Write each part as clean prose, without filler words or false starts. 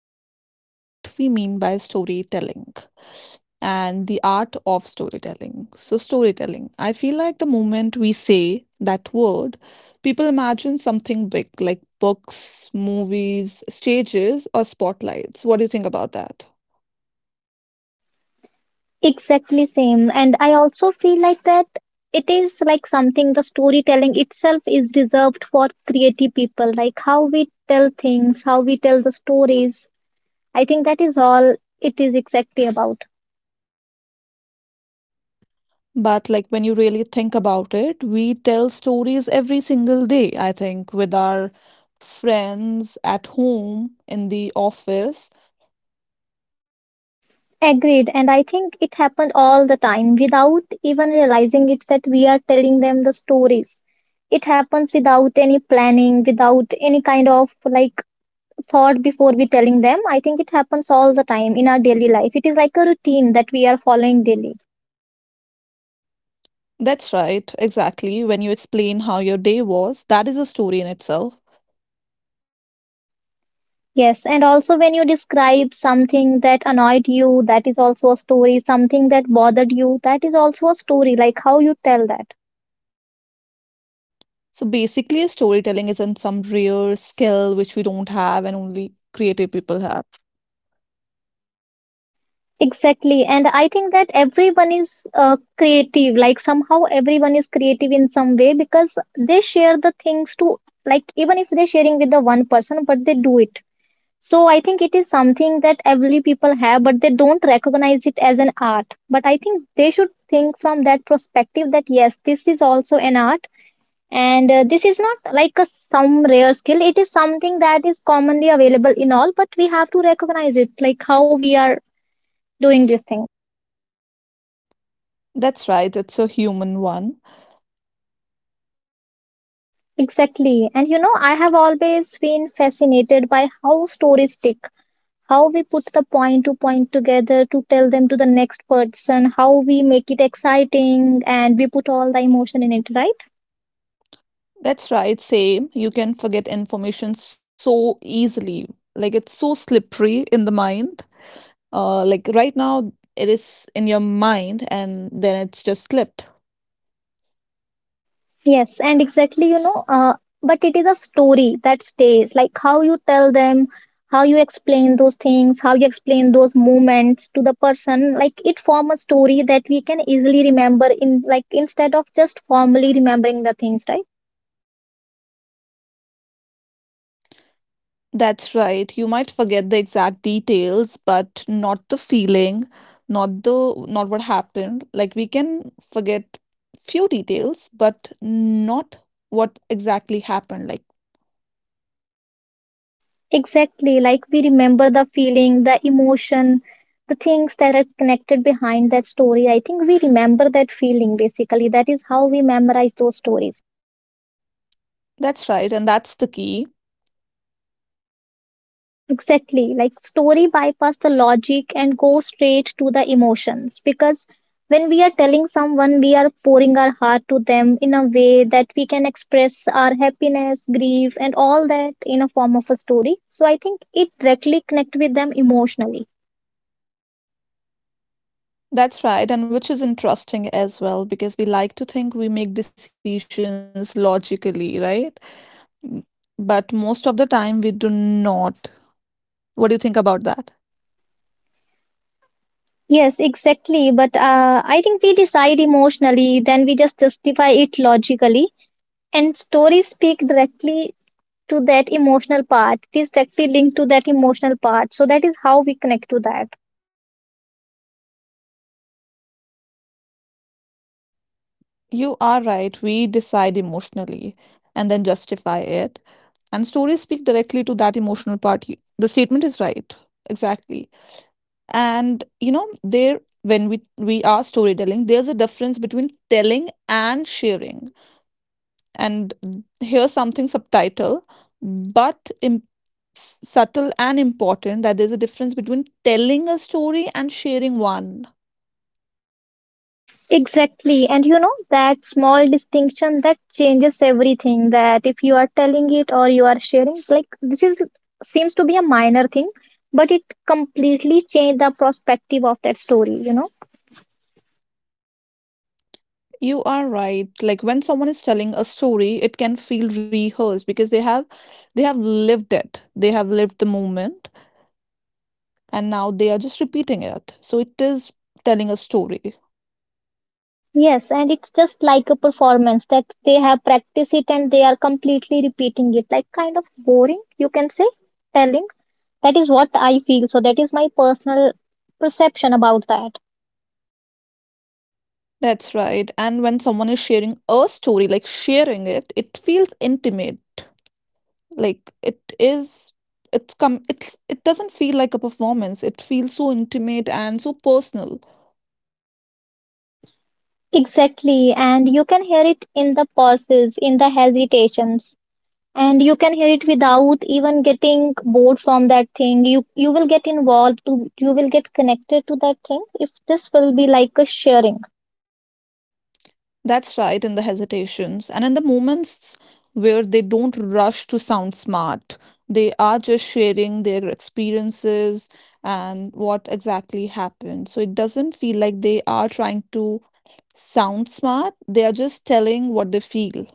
topic is gonna be what we mean by storytelling and the art of storytelling. So, storytelling. I feel like the moment we say that word, people imagine something big like books, movies, stages, or spotlights. What do you think about that? Exactly same. And I also feel like that it is like something the storytelling itself is reserved for creative people, like how we tell things, how we tell the stories. I think that is all it is exactly about. But like when you really think about it, we tell stories every single day, I think, with our friends at home, in the office. Agreed. And I think it happened all the time without even realizing it that we are telling them the stories. It happens without any planning, without any kind of like thought before we telling them. I think it happens all the time in our daily life. It is like a routine that we are following daily. That's right, exactly. When you explain how your day was, that is a story in itself. Yes, and also when you describe something that annoyed you, that is also a story. Something that bothered you, that is also a story. Like how you tell that. So basically, storytelling isn't some rare skill which we don't have and only creative people have. Exactly. And I think that everyone is creative. Like somehow everyone is creative in some way because they share the things to, like, even if they're sharing with the one person, but they do it. So I think it is something that every people have, but they don't recognize it as an art. But I think they should think from that perspective that yes, this is also an art, and this is not like a some rare skill. It is something that is commonly available in all, but we have to recognize it, like how we are doing this thing. That's right, it's a human one. Exactly. And you know, I have always been fascinated by how stories stick, how we put the point to point together to tell them to the next person, how we make it exciting and we put all the emotion in it, right? That's right, same. You can forget information so easily. Like it's so slippery in the mind, like right now it is in your mind and then it's just slipped. Yes, and exactly, you know, but it is a story that stays, like how you tell them, how you explain those things, how you explain those moments to the person, like it form a story that we can easily remember in, like, instead of just formally remembering the things, right? That's right. You might forget the exact details, but not the feeling, not the not what happened. Like we can forget few details, but not what exactly happened. Like Exactly, like we remember the feeling, the emotion, the things that are connected behind that story. I think we remember that feeling basically. That is how we memorize those stories. that's right, and that's the key. Exactly, like story bypass the logic and go straight to the emotions because when we are telling someone, we are pouring our heart to them in a way that we can express our happiness, grief, and all that in a form of a story. So I think it directly connect with them emotionally. That's right, and which is interesting as well because we like to think we make decisions logically, right? M- But most of the time we do not. What do you think about that? Yes, exactly. But I think we decide emotionally, then we just justify it logically. And stories speak directly to that emotional part. It is directly linked to that emotional part. So that is how we connect to that. You are right. We decide emotionally and then justify it. And stories speak directly to that emotional part. The statement is right. Exactly. And you know, there when we are storytelling, there's a difference between telling and sharing, and here's something subtitle but im- s- subtle and important that there's a difference between telling a story and sharing one. Exactly. And you know, that small distinction that changes everything. That if you are telling it or you are sharing, like this is seems to be a minor thing, but it completely changed the perspective of that story, you know. You are right, like when someone is telling a story it can feel rehearsed because they have lived it, they have lived the moment, and now they are just repeating it, so it is telling a story. Yes, and it's just like a performance that they have practiced it and they are completely repeating it, like kind of boring, you can say, telling. That is what I feel. So, that is my personal perception about that. That's right. And when someone is sharing a story, like sharing it, it feels intimate. Like it is it's come it's it doesn't feel like a performance. It feels so intimate and so personal. Exactly. And you can hear it in the pauses, in the hesitations, and you can hear it without even getting bored from that thing. You will get involved, to, you will get connected to that thing if this will be like a sharing. That's right, in the hesitations and in the moments where they don't rush to sound smart. They are just sharing their experiences and what exactly happened. So it doesn't feel like they are trying to sound smart. They are just telling what they feel.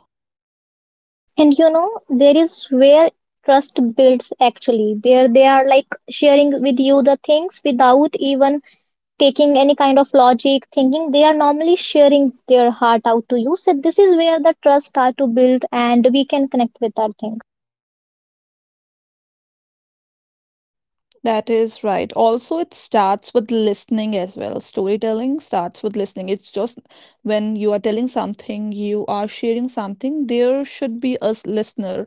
And you know, there is where trust builds actually, where they are like sharing with you the things without even taking any kind of logic thinking. They are normally sharing their heart out to you. So this is where the trust start to build and we can connect with that thing. That is right. Also, it starts with listening as well. Storytelling starts with listening. It's just when you are telling something, you are sharing something, there should be a listener.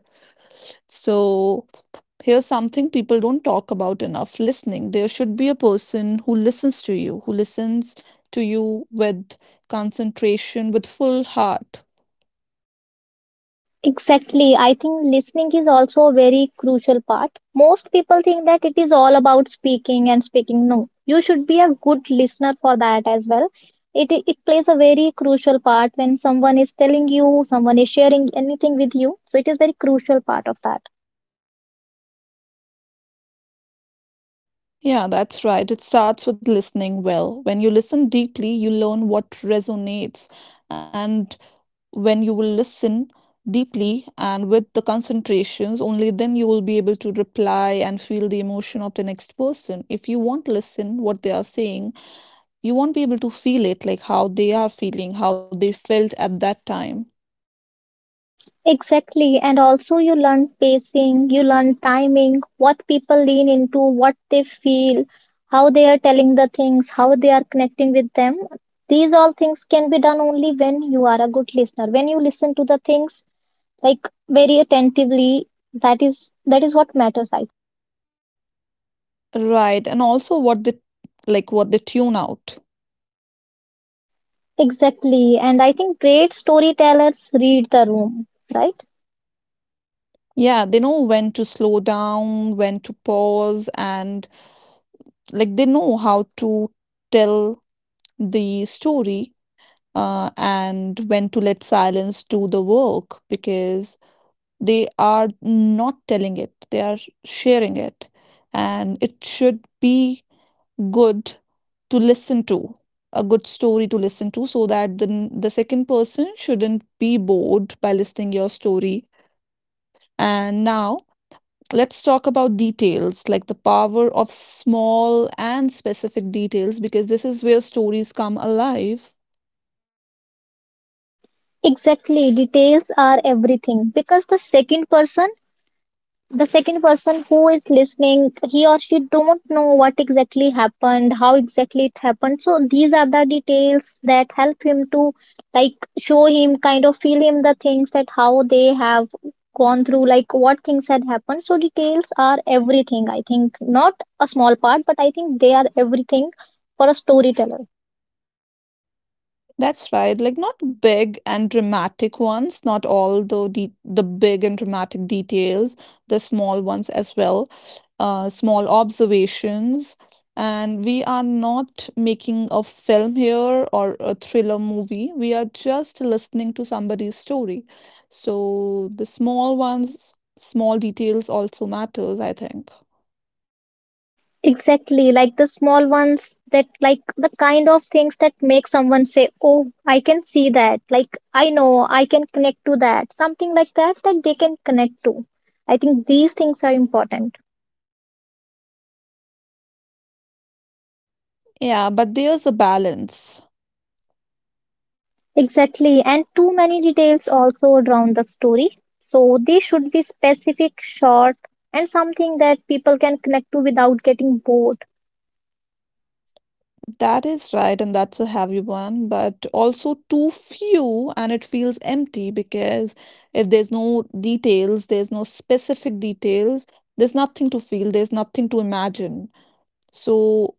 So, here's something people don't talk about enough: listening. There should be a person who listens to you, who listens to you with concentration, with full heart. Exactly. I think listening is also a very crucial part. Most people think that it is all about speaking and speaking. No, you should be a good listener for that as well. It plays a very crucial part when someone is telling you, someone is sharing anything with you. So it is very crucial part of that. Yeah, that's right. It starts with listening well. When you listen deeply, you learn what resonates. And when you will listen deeply and with the concentrations, only then you will be able to reply and feel the emotion of the next person. If you won't listen what they are saying, you won't be able to feel it, like how they are feeling, how they felt at that time. Exactly. And also, you learn pacing, you learn timing, what people lean into, what they feel, how they are telling the things, how they are connecting with them. These all things can be done only when you are a good listener. When you listen to the things like very attentively, that is what matters. I Right. And also what they like what they tune out. exactly. And I think great storytellers read the room, right? Yeah, they know when to slow down, when to pause, and like they know how to tell the story, and when to let silence do the work because they are not telling it, they are sharing it. And it should be good to listen to, a good story to listen to, so that the second person shouldn't be bored by listening your story. And now, let's talk about details like the power of small and specific details because this is where stories come alive. Exactly. Details are everything because the second person, the second person who is listening, he or she don't know what exactly happened, how exactly it happened, so these are the details that help him to, like, show him, kind of feel him the things that how they have gone through, like what things had happened. So details are everything. I think not a small part, but I think they are everything for a storyteller. That's right. Like not big and dramatic ones, not all the de the big and dramatic details, the small ones as well, small observations. And we are not making a film here or a thriller movie. We are just listening to somebody's story. So the small ones, small details also matters, I think. Exactly, like the small ones that, like the kind of things that make someone say, "Oh, I can see that." Like, I know I can connect to that. Something like that that they can connect to. I think these things are important. Yeah, but there's a balance. Exactly, and too many details also drown the story. So they should be specific, short, and something that people can connect to without getting bored. That is right, and that's a heavy one, but also too few, and it feels empty because if there's no details, there's no specific details, there's nothing to feel, there's nothing to imagine. So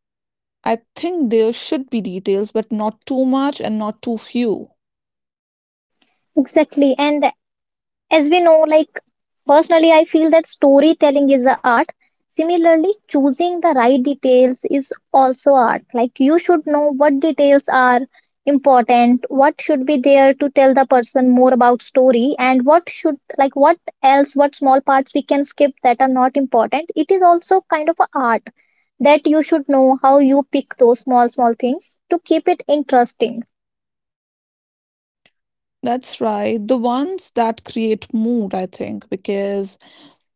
I think there should be details, but not too much and not too few. Exactly, and as we know, like personally I feel that storytelling is the art, similarly choosing the right details is also art. Like you should know what details are important, what should be there to tell the person more about story, and what should, like what else, what small parts we can skip that are not important. It is also kind of a art that you should know how you pick those small small things to keep it interesting. That's right, the ones that create mood, I think, because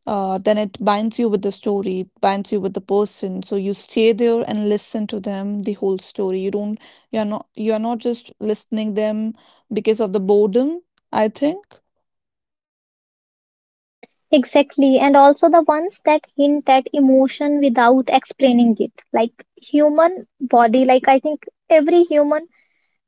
then it binds you with the story, it binds you with the person. So you stay there and listen to them the whole story. You are not just listening them because of the boredom. I think. Exactly, and also the ones that hint at emotion without explaining it, like human body. Like, I think every human,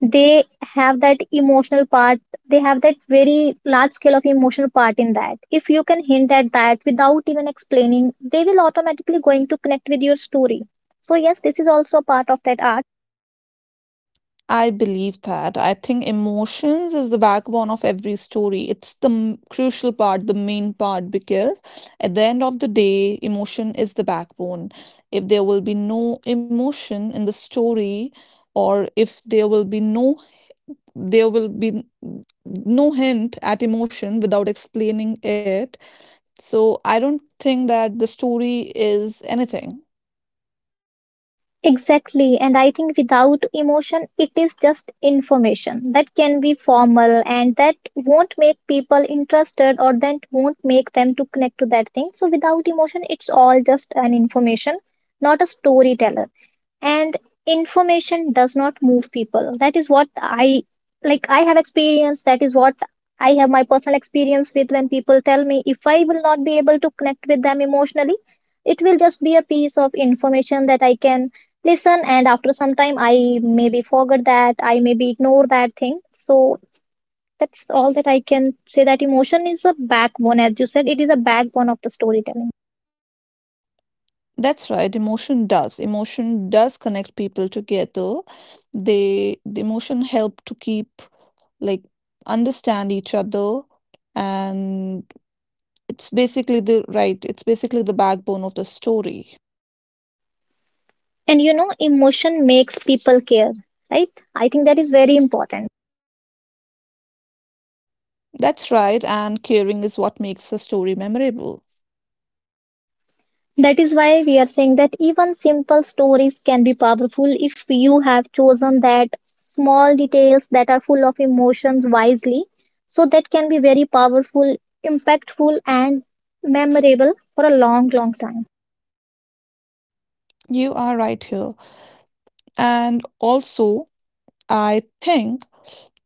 they have that emotional part, they have that very large scale of emotional part in that. If you can hint at that without even explaining, they will automatically going to connect with your story. So, yes, this is also a part of that art. I believe that. I think emotions is the backbone of every story. It's the crucial part, the main part, because at the end of the day, emotion is the backbone. If there will be no emotion in the story, or if there will be no, there will be n- no hint at emotion without explaining it. So I don't think that the story is anything. Exactly, and I think without emotion, it is just information that can be formal and that won't make people interested or that won't make them to connect to that thing. So without emotion, it's all just an information, not a storyteller, and information does not move people. That is what I, like I have experienced, that is what I have my personal experience with. When people tell me, if I will not be able to connect with them emotionally, it will just be a piece of information that I can listen, and after some time I maybe forget that, I maybe ignore that thing. So that's all that I can say, that emotion is a backbone. As you said, it is a backbone of the storytelling. That's right. Emotion does connect people together. The emotion help to keep like understand each other, and it's basically the right. It's basically the backbone of the story. And you know, emotion makes people care, right? I think that is very important. That's right, and caring is what makes a story memorable. That is why we are saying that even simple stories can be powerful if you have chosen that small details that are full of emotions wisely. So that can be very powerful, impactful, and memorable for a long, long time. You are right here. And also, I think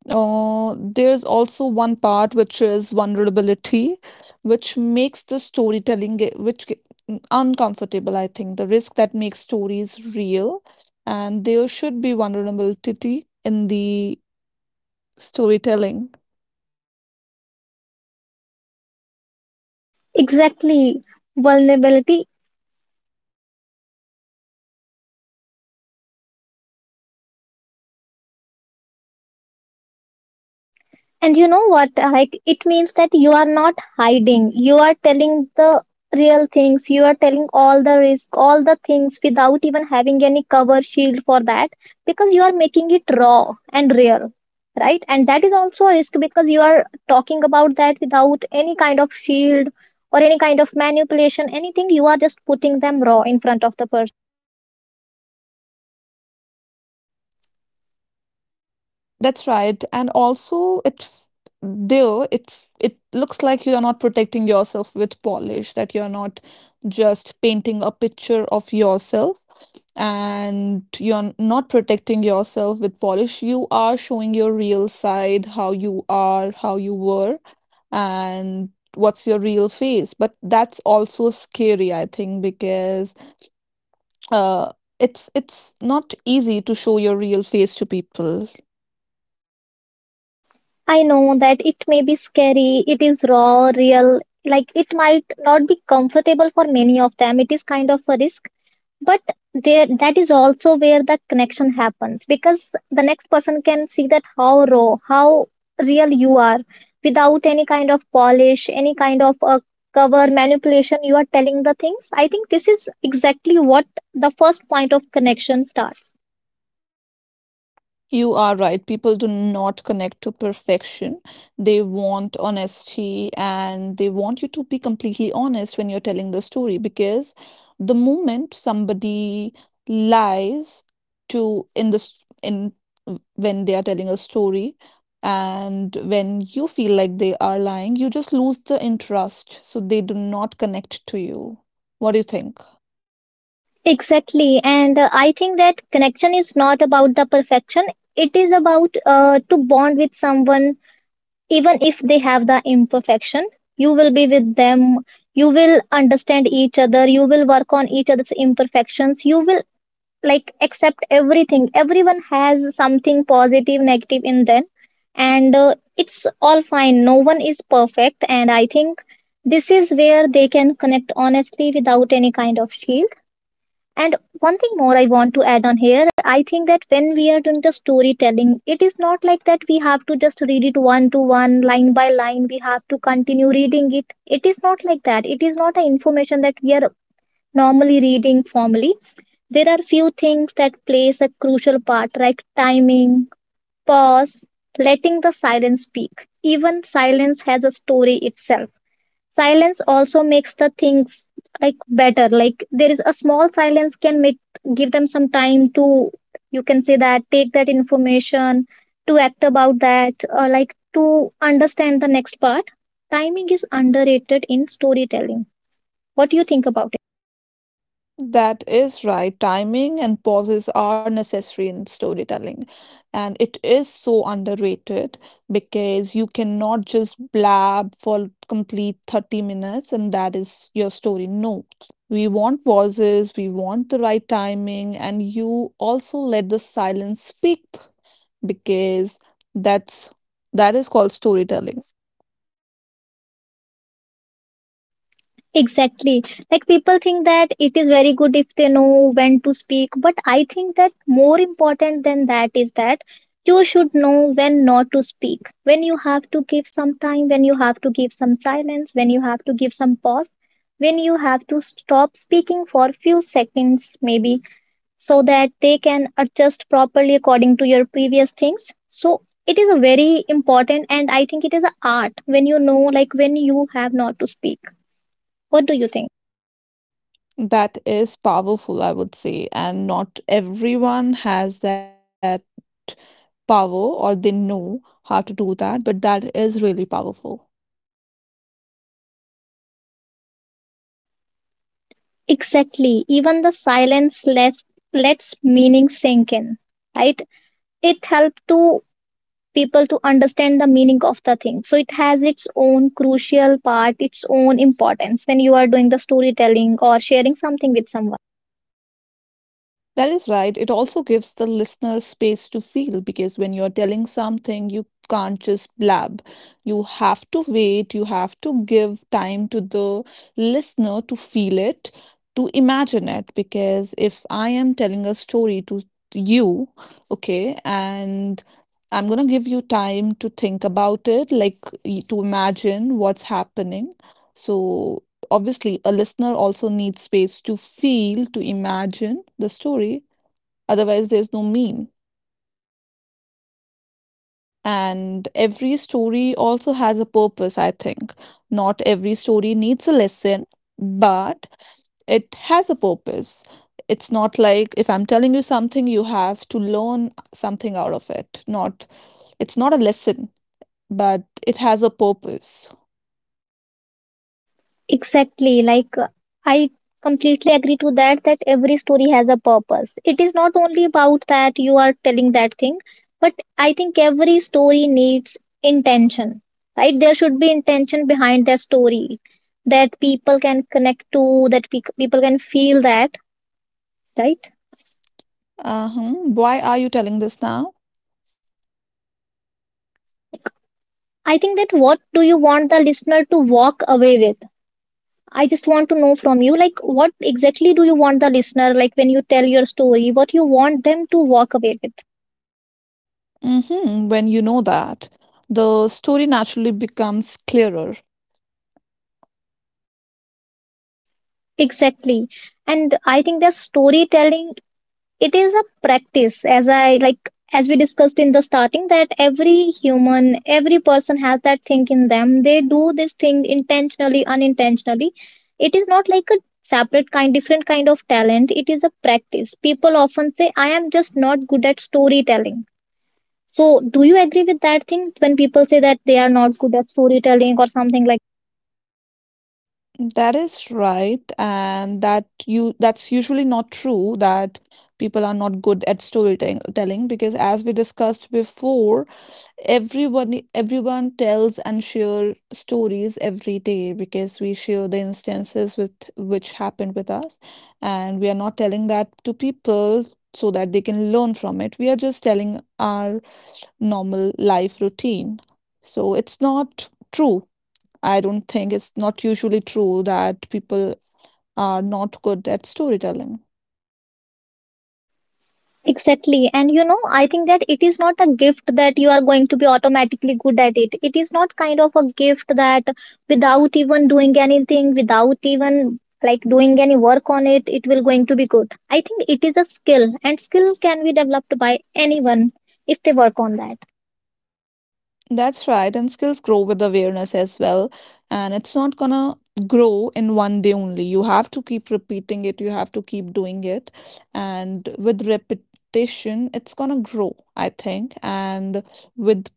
there's also one part which is vulnerability, which makes the storytelling uncomfortable, I think. The risk that makes stories real, and there should be vulnerability in the storytelling. Exactly. Vulnerability. And you know what? Like, it means that you are not hiding. You are telling the real things. You are telling all the risk, all the things without even having any cover shield for that, because you are making it raw and real, right? And that is also a risk because you are talking about that without any kind of shield or any kind of manipulation, anything. You are just putting them raw in front of the person. That's right. And also it f- though it f- it looks like you're not protecting yourself with polish, that you're not just painting a picture of yourself and you're not protecting yourself with polish. You are showing your real side, how you are, how you were, and what's your real face. But that's also scary, I think, because uh it's not easy to show your real face to people. I know that it may be scary, it is raw, real, like it might not be comfortable for many of them. It is kind of a risk, but there, that is also where the connection happens because the next person can see that how raw, how real you are without any kind of polish, any kind of a cover manipulation you are telling the things. I think this is exactly what the first point of connection starts. You are right. People do not connect to perfection. They want honesty and they want you to be completely honest when you're telling the story because the moment somebody lies to in the s- in when they are telling a story and when you feel like they are lying, you just lose the interest. So they do not connect to you. What do you think? Exactly. And I think that connection is not about the perfection. It is about to bond with someone, even if they have the imperfection. You will be with them. You will understand each other. You will work on each other's imperfections. You will, like, accept everything. Everyone has something positive, negative in them. And it's all fine. No one is perfect. And I think this is where they can connect honestly without any kind of shield. And one thing more I want to add on here, I think that when we are doing the storytelling, it is not like that we have to just read it one to one, line by line. We have to continue reading it. It is not like that. It is not an information that we are normally reading formally. There are few things that plays a crucial part, like timing, pause, letting the silence speak. Even silence has a story itself, silence also makes the things like better, like there is a small silence can make, give them some time to, you can say that, take that information to act about that or like to understand the next part. Timing is underrated in storytelling. What do you think about? That is right. Timing and pauses are necessary in storytelling. And it is so underrated because you cannot just blab for complete 30 minutes and that is your story. No, we want pauses, we want the right timing, and you also let the silence speak because that's that is called storytelling. Exactly. Like people think that it is very good if they know when to speak, but I think that more important than that is that you should know when not to speak, when you have to give some time, when you have to give some silence, when you have to give some pause, when you have to stop speaking for few seconds, maybe, so that they can adjust properly according to your previous things. So it is a very important and I think it is an art when you know like when you have not to speak. What do you think? That is powerful, I would say, and not everyone has that power or they know how to do that, but that is really powerful. Exactly. Even the silence lets meaning sink in, right? It helps to people to understand the meaning of the thing. So it has its own crucial part, its own importance when you are doing the storytelling or sharing something with someone. That is right. It also gives the listener space to feel because when you're telling something, you can't just blab. You have to wait, you have to give time to the listener to feel it, to imagine it. Because if I am telling a story to you, okay, and I'm gonna give you time to think about it, like to imagine what's happening. So obviously, a listener also needs space to feel, to imagine the story, otherwise, there's no mean. And every story also has a purpose, I think. Not every story needs a lesson, but it has a purpose. It's not like if I'm telling you something, you have to learn something out of it. Not, it's not a lesson but it has a purpose. Exactly. Like, I completely agree to that, that every story has a purpose. It is not only about that you are telling that thing, but I think every story needs intention, right? There should be intention behind that story that people can connect to, that people can feel that, right? Uh-huh. Why are you telling this now? Like, I think that what do you want the listener to walk away with? I just want to know from you, like, what exactly do you want the listener, like, when you tell your story, what you want them to walk away with? Mm-hmm. When you know that, the story naturally becomes clearer. Exactly. And I think that storytelling, it is a practice, as I like, as we discussed in the starting, that every human, every person has that thing in them. They do this thing intentionally, unintentionally. It is not like a separate kind, different kind of talent. It is a practice. People often say, I am just not good at storytelling. So, do you agree with that thing when people say that they are not good at storytelling or something like? That is right, and that's usually not true that people are not good at storytelling telling, because as we discussed before, everyone tells and share stories every day because we share the instances with which happened with us, and we are not telling that to people so that they can learn from it. We are just telling our normal life routine. So it's not true. I don't think it's not usually true that people are not good at storytelling. Exactly. And you know, I think that it is not a gift that you are going to be automatically good at it. It is not kind of a gift that without even doing anything, without even like doing any work on it, it will going to be good. I think it is a skill and skill can be developed by anyone if they work on that. That's right, and skills grow with awareness as well. And it's not gonna grow in one day only. You have to keep repeating it, you have to keep doing it. And with repetition, it's gonna grow, I think. And with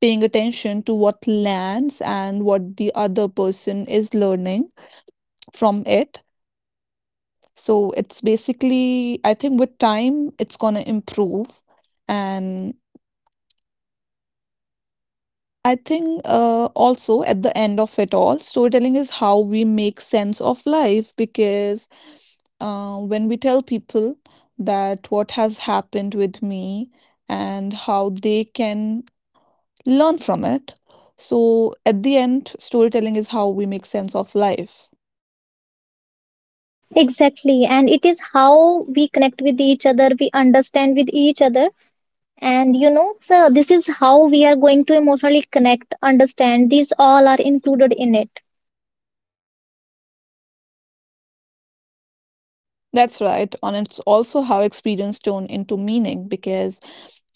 paying attention to what lands and what the other person is learning, from it. So it's basically, I think with time, it's going to improve. And I think also at the end of it all, storytelling is how we make sense of life because when we tell people that what has happened with me and how they can learn from it. So at the end, storytelling is how we make sense of life. Exactly. And it is how we connect with each other, we understand with each other. And you know, so this is how we are going to emotionally connect, understand. These all are included in it. That's right. And it's also how experience turn into meaning because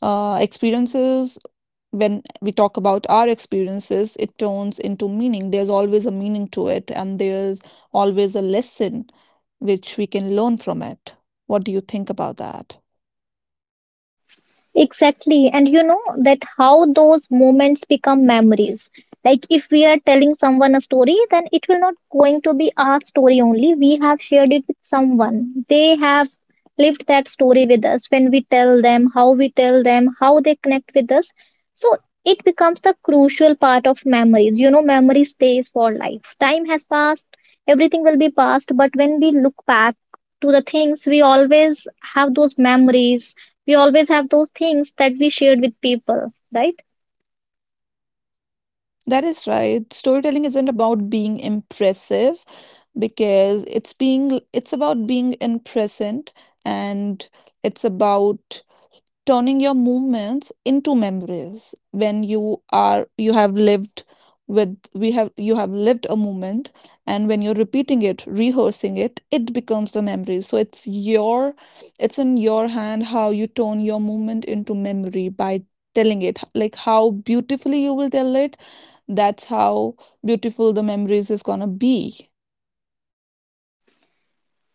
experiences, when we talk about our experiences, it turns into meaning. There's always a meaning to it, and there's always a lesson which we can learn from it. What do you think about that? Exactly. And you know that how those moments become memories. Like if we are telling someone a story, then it will not going to be our story only. We have shared it with someone. They have lived that story with us when we tell them, how we tell them, how they connect with us. So it becomes the crucial part of memories. You know, memory stays for life. Time has passed, everything will be past, but when we look back to the things, we always have those memories, we always have those things that we shared with people, right? That is right. Storytelling isn't about being impressive because it's about being in present and it's about turning your movements into memories when you have lived with we have you have lived a movement, and when you're repeating it, rehearsing it, it becomes the memory, so it's in your hand how you turn your movement into memory by telling it, like how beautifully you will tell it, that's how beautiful the memories is gonna be.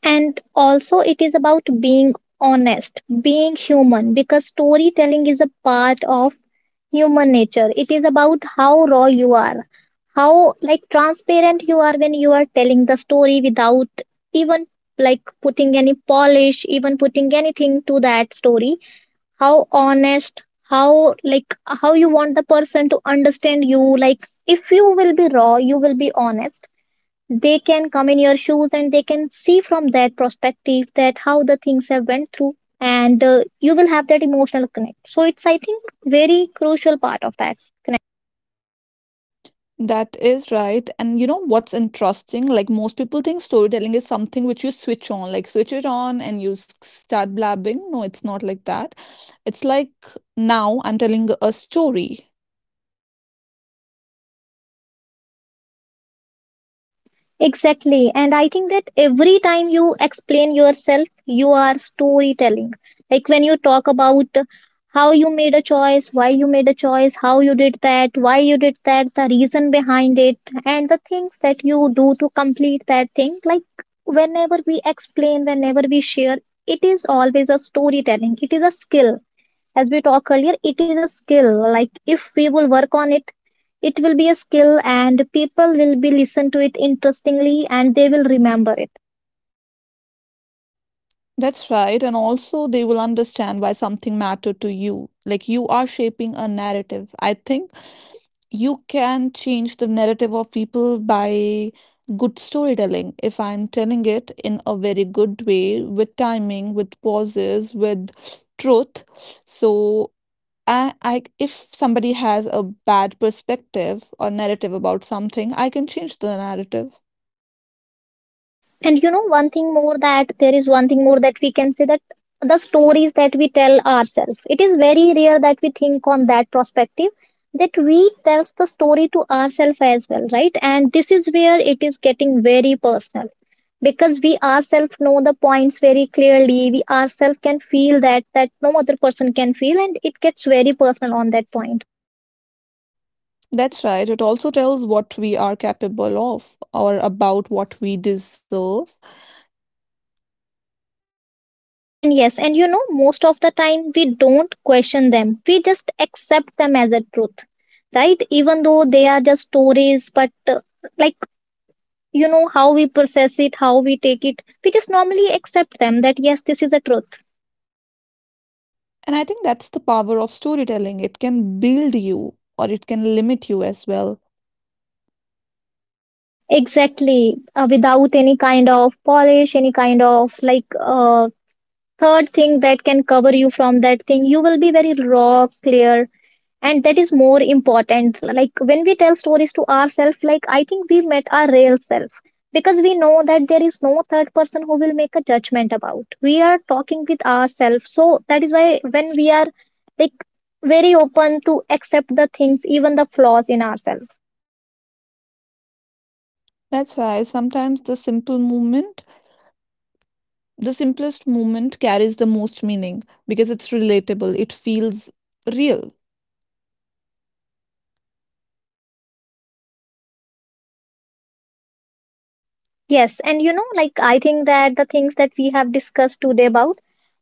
And also it is about being honest, being human, because storytelling is a part of human nature. It is about how raw you are, how like transparent you are when you are telling the story without even like putting any polish, even putting anything to that story, how honest, how like, how you want the person to understand you. Like if you will be raw, you will be honest, they can come in your shoes and they can see from that perspective that how the things have went through, and you will have that emotional connect, so it's I think very crucial part of that. That is right. And you know what's interesting? Like most people think storytelling is something which you switch on, like switch it on and you start blabbing. No, it's not like that. It's like now I'm telling a story. Exactly. And I think that every time you explain yourself, you are storytelling. Like when you talk about how you made a choice, why you made a choice, how you did that, why you did that, the reason behind it, and the things that you do to complete that thing. Like whenever we explain, whenever we share, it is always a storytelling. It is a skill, as we talked earlier, it is a skill, like if we will work on it, it will be a skill and people will be listen to it interestingly and they will remember it. That's right. And also they will understand why something mattered to you. Like you are shaping a narrative. I think you can change the narrative of people by good storytelling. If I'm telling it in a very good way, with timing, with pauses, with truth, so I if somebody has a bad perspective or narrative about something, I can change the narrative. And you know, one thing more, that there is one thing more that we can say that the stories that we tell ourselves, it is very rare that we think on that perspective, that we tells the story to ourselves as well, right? And this is where it is getting very personal, because we ourselves know the points very clearly, we ourselves can feel that that no other person can feel, and it gets very personal on that point. That's right. It also tells what we are capable of or about what we deserve. And yes, and you know, most of the time we don't question them, we just accept them as a truth, right? Even though they are just stories, but like, you know how we process it, how we take it, we just normally accept them that yes, this is a truth. And I think that's the power of storytelling. It can build you or it can limit you as well. Exactly. Without any kind of polish, any kind of like, third thing that can cover you from that thing, you will be very raw, clear, and that is more important. Like when we tell stories to ourselves, like I think we met our real self, because we know that there is no third person who will make a judgment about, we are talking with ourselves, so that is why when we are like very open to accept the things, even the flaws in ourselves. That's why sometimes the simple movement, the simplest movement carries the most meaning because it's relatable, it feels real. Yes, and you know, like I think that the things that we have discussed today about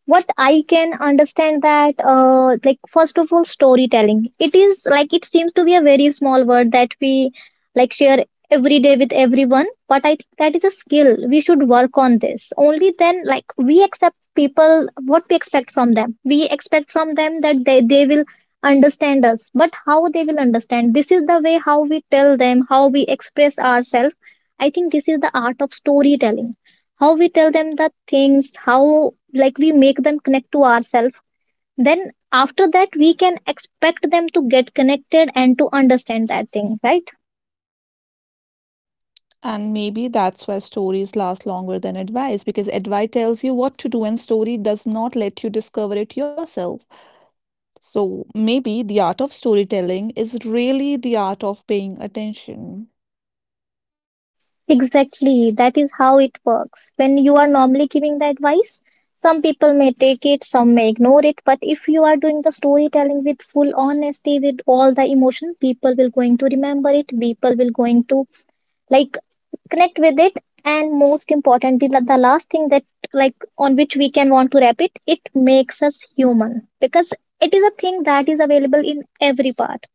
what I can understand that, like first of all, storytelling. It is like it seems to be a very small word that we like share every day with everyone, but I think that is a skill. We should work on this. Only then, like we accept people what we expect from them. We expect from them that they will understand us, but how they will understand? This is the way how we tell them, how we express ourselves. I think this is the art of storytelling. How we tell them the things, how like we make them connect to ourselves. Then after that we can expect them to get connected and to understand that thing, right? And maybe that's why stories last longer than advice because advice tells you what to do and story does not let you discover it yourself. So maybe the art of storytelling is really the art of paying attention. Exactly. That is how it works. When you are normally giving the advice, some people may take it, some may ignore it. But if you are doing the storytelling with full honesty, with all the emotion, people will going to remember it. People will going to like connect with it, and most importantly, the last thing that, like on which we can want to wrap it, it makes us human, because it is a thing that is available in every part.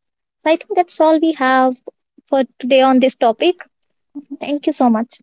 So I think that's all we have for today on On this this topic. topic, Thank you so much.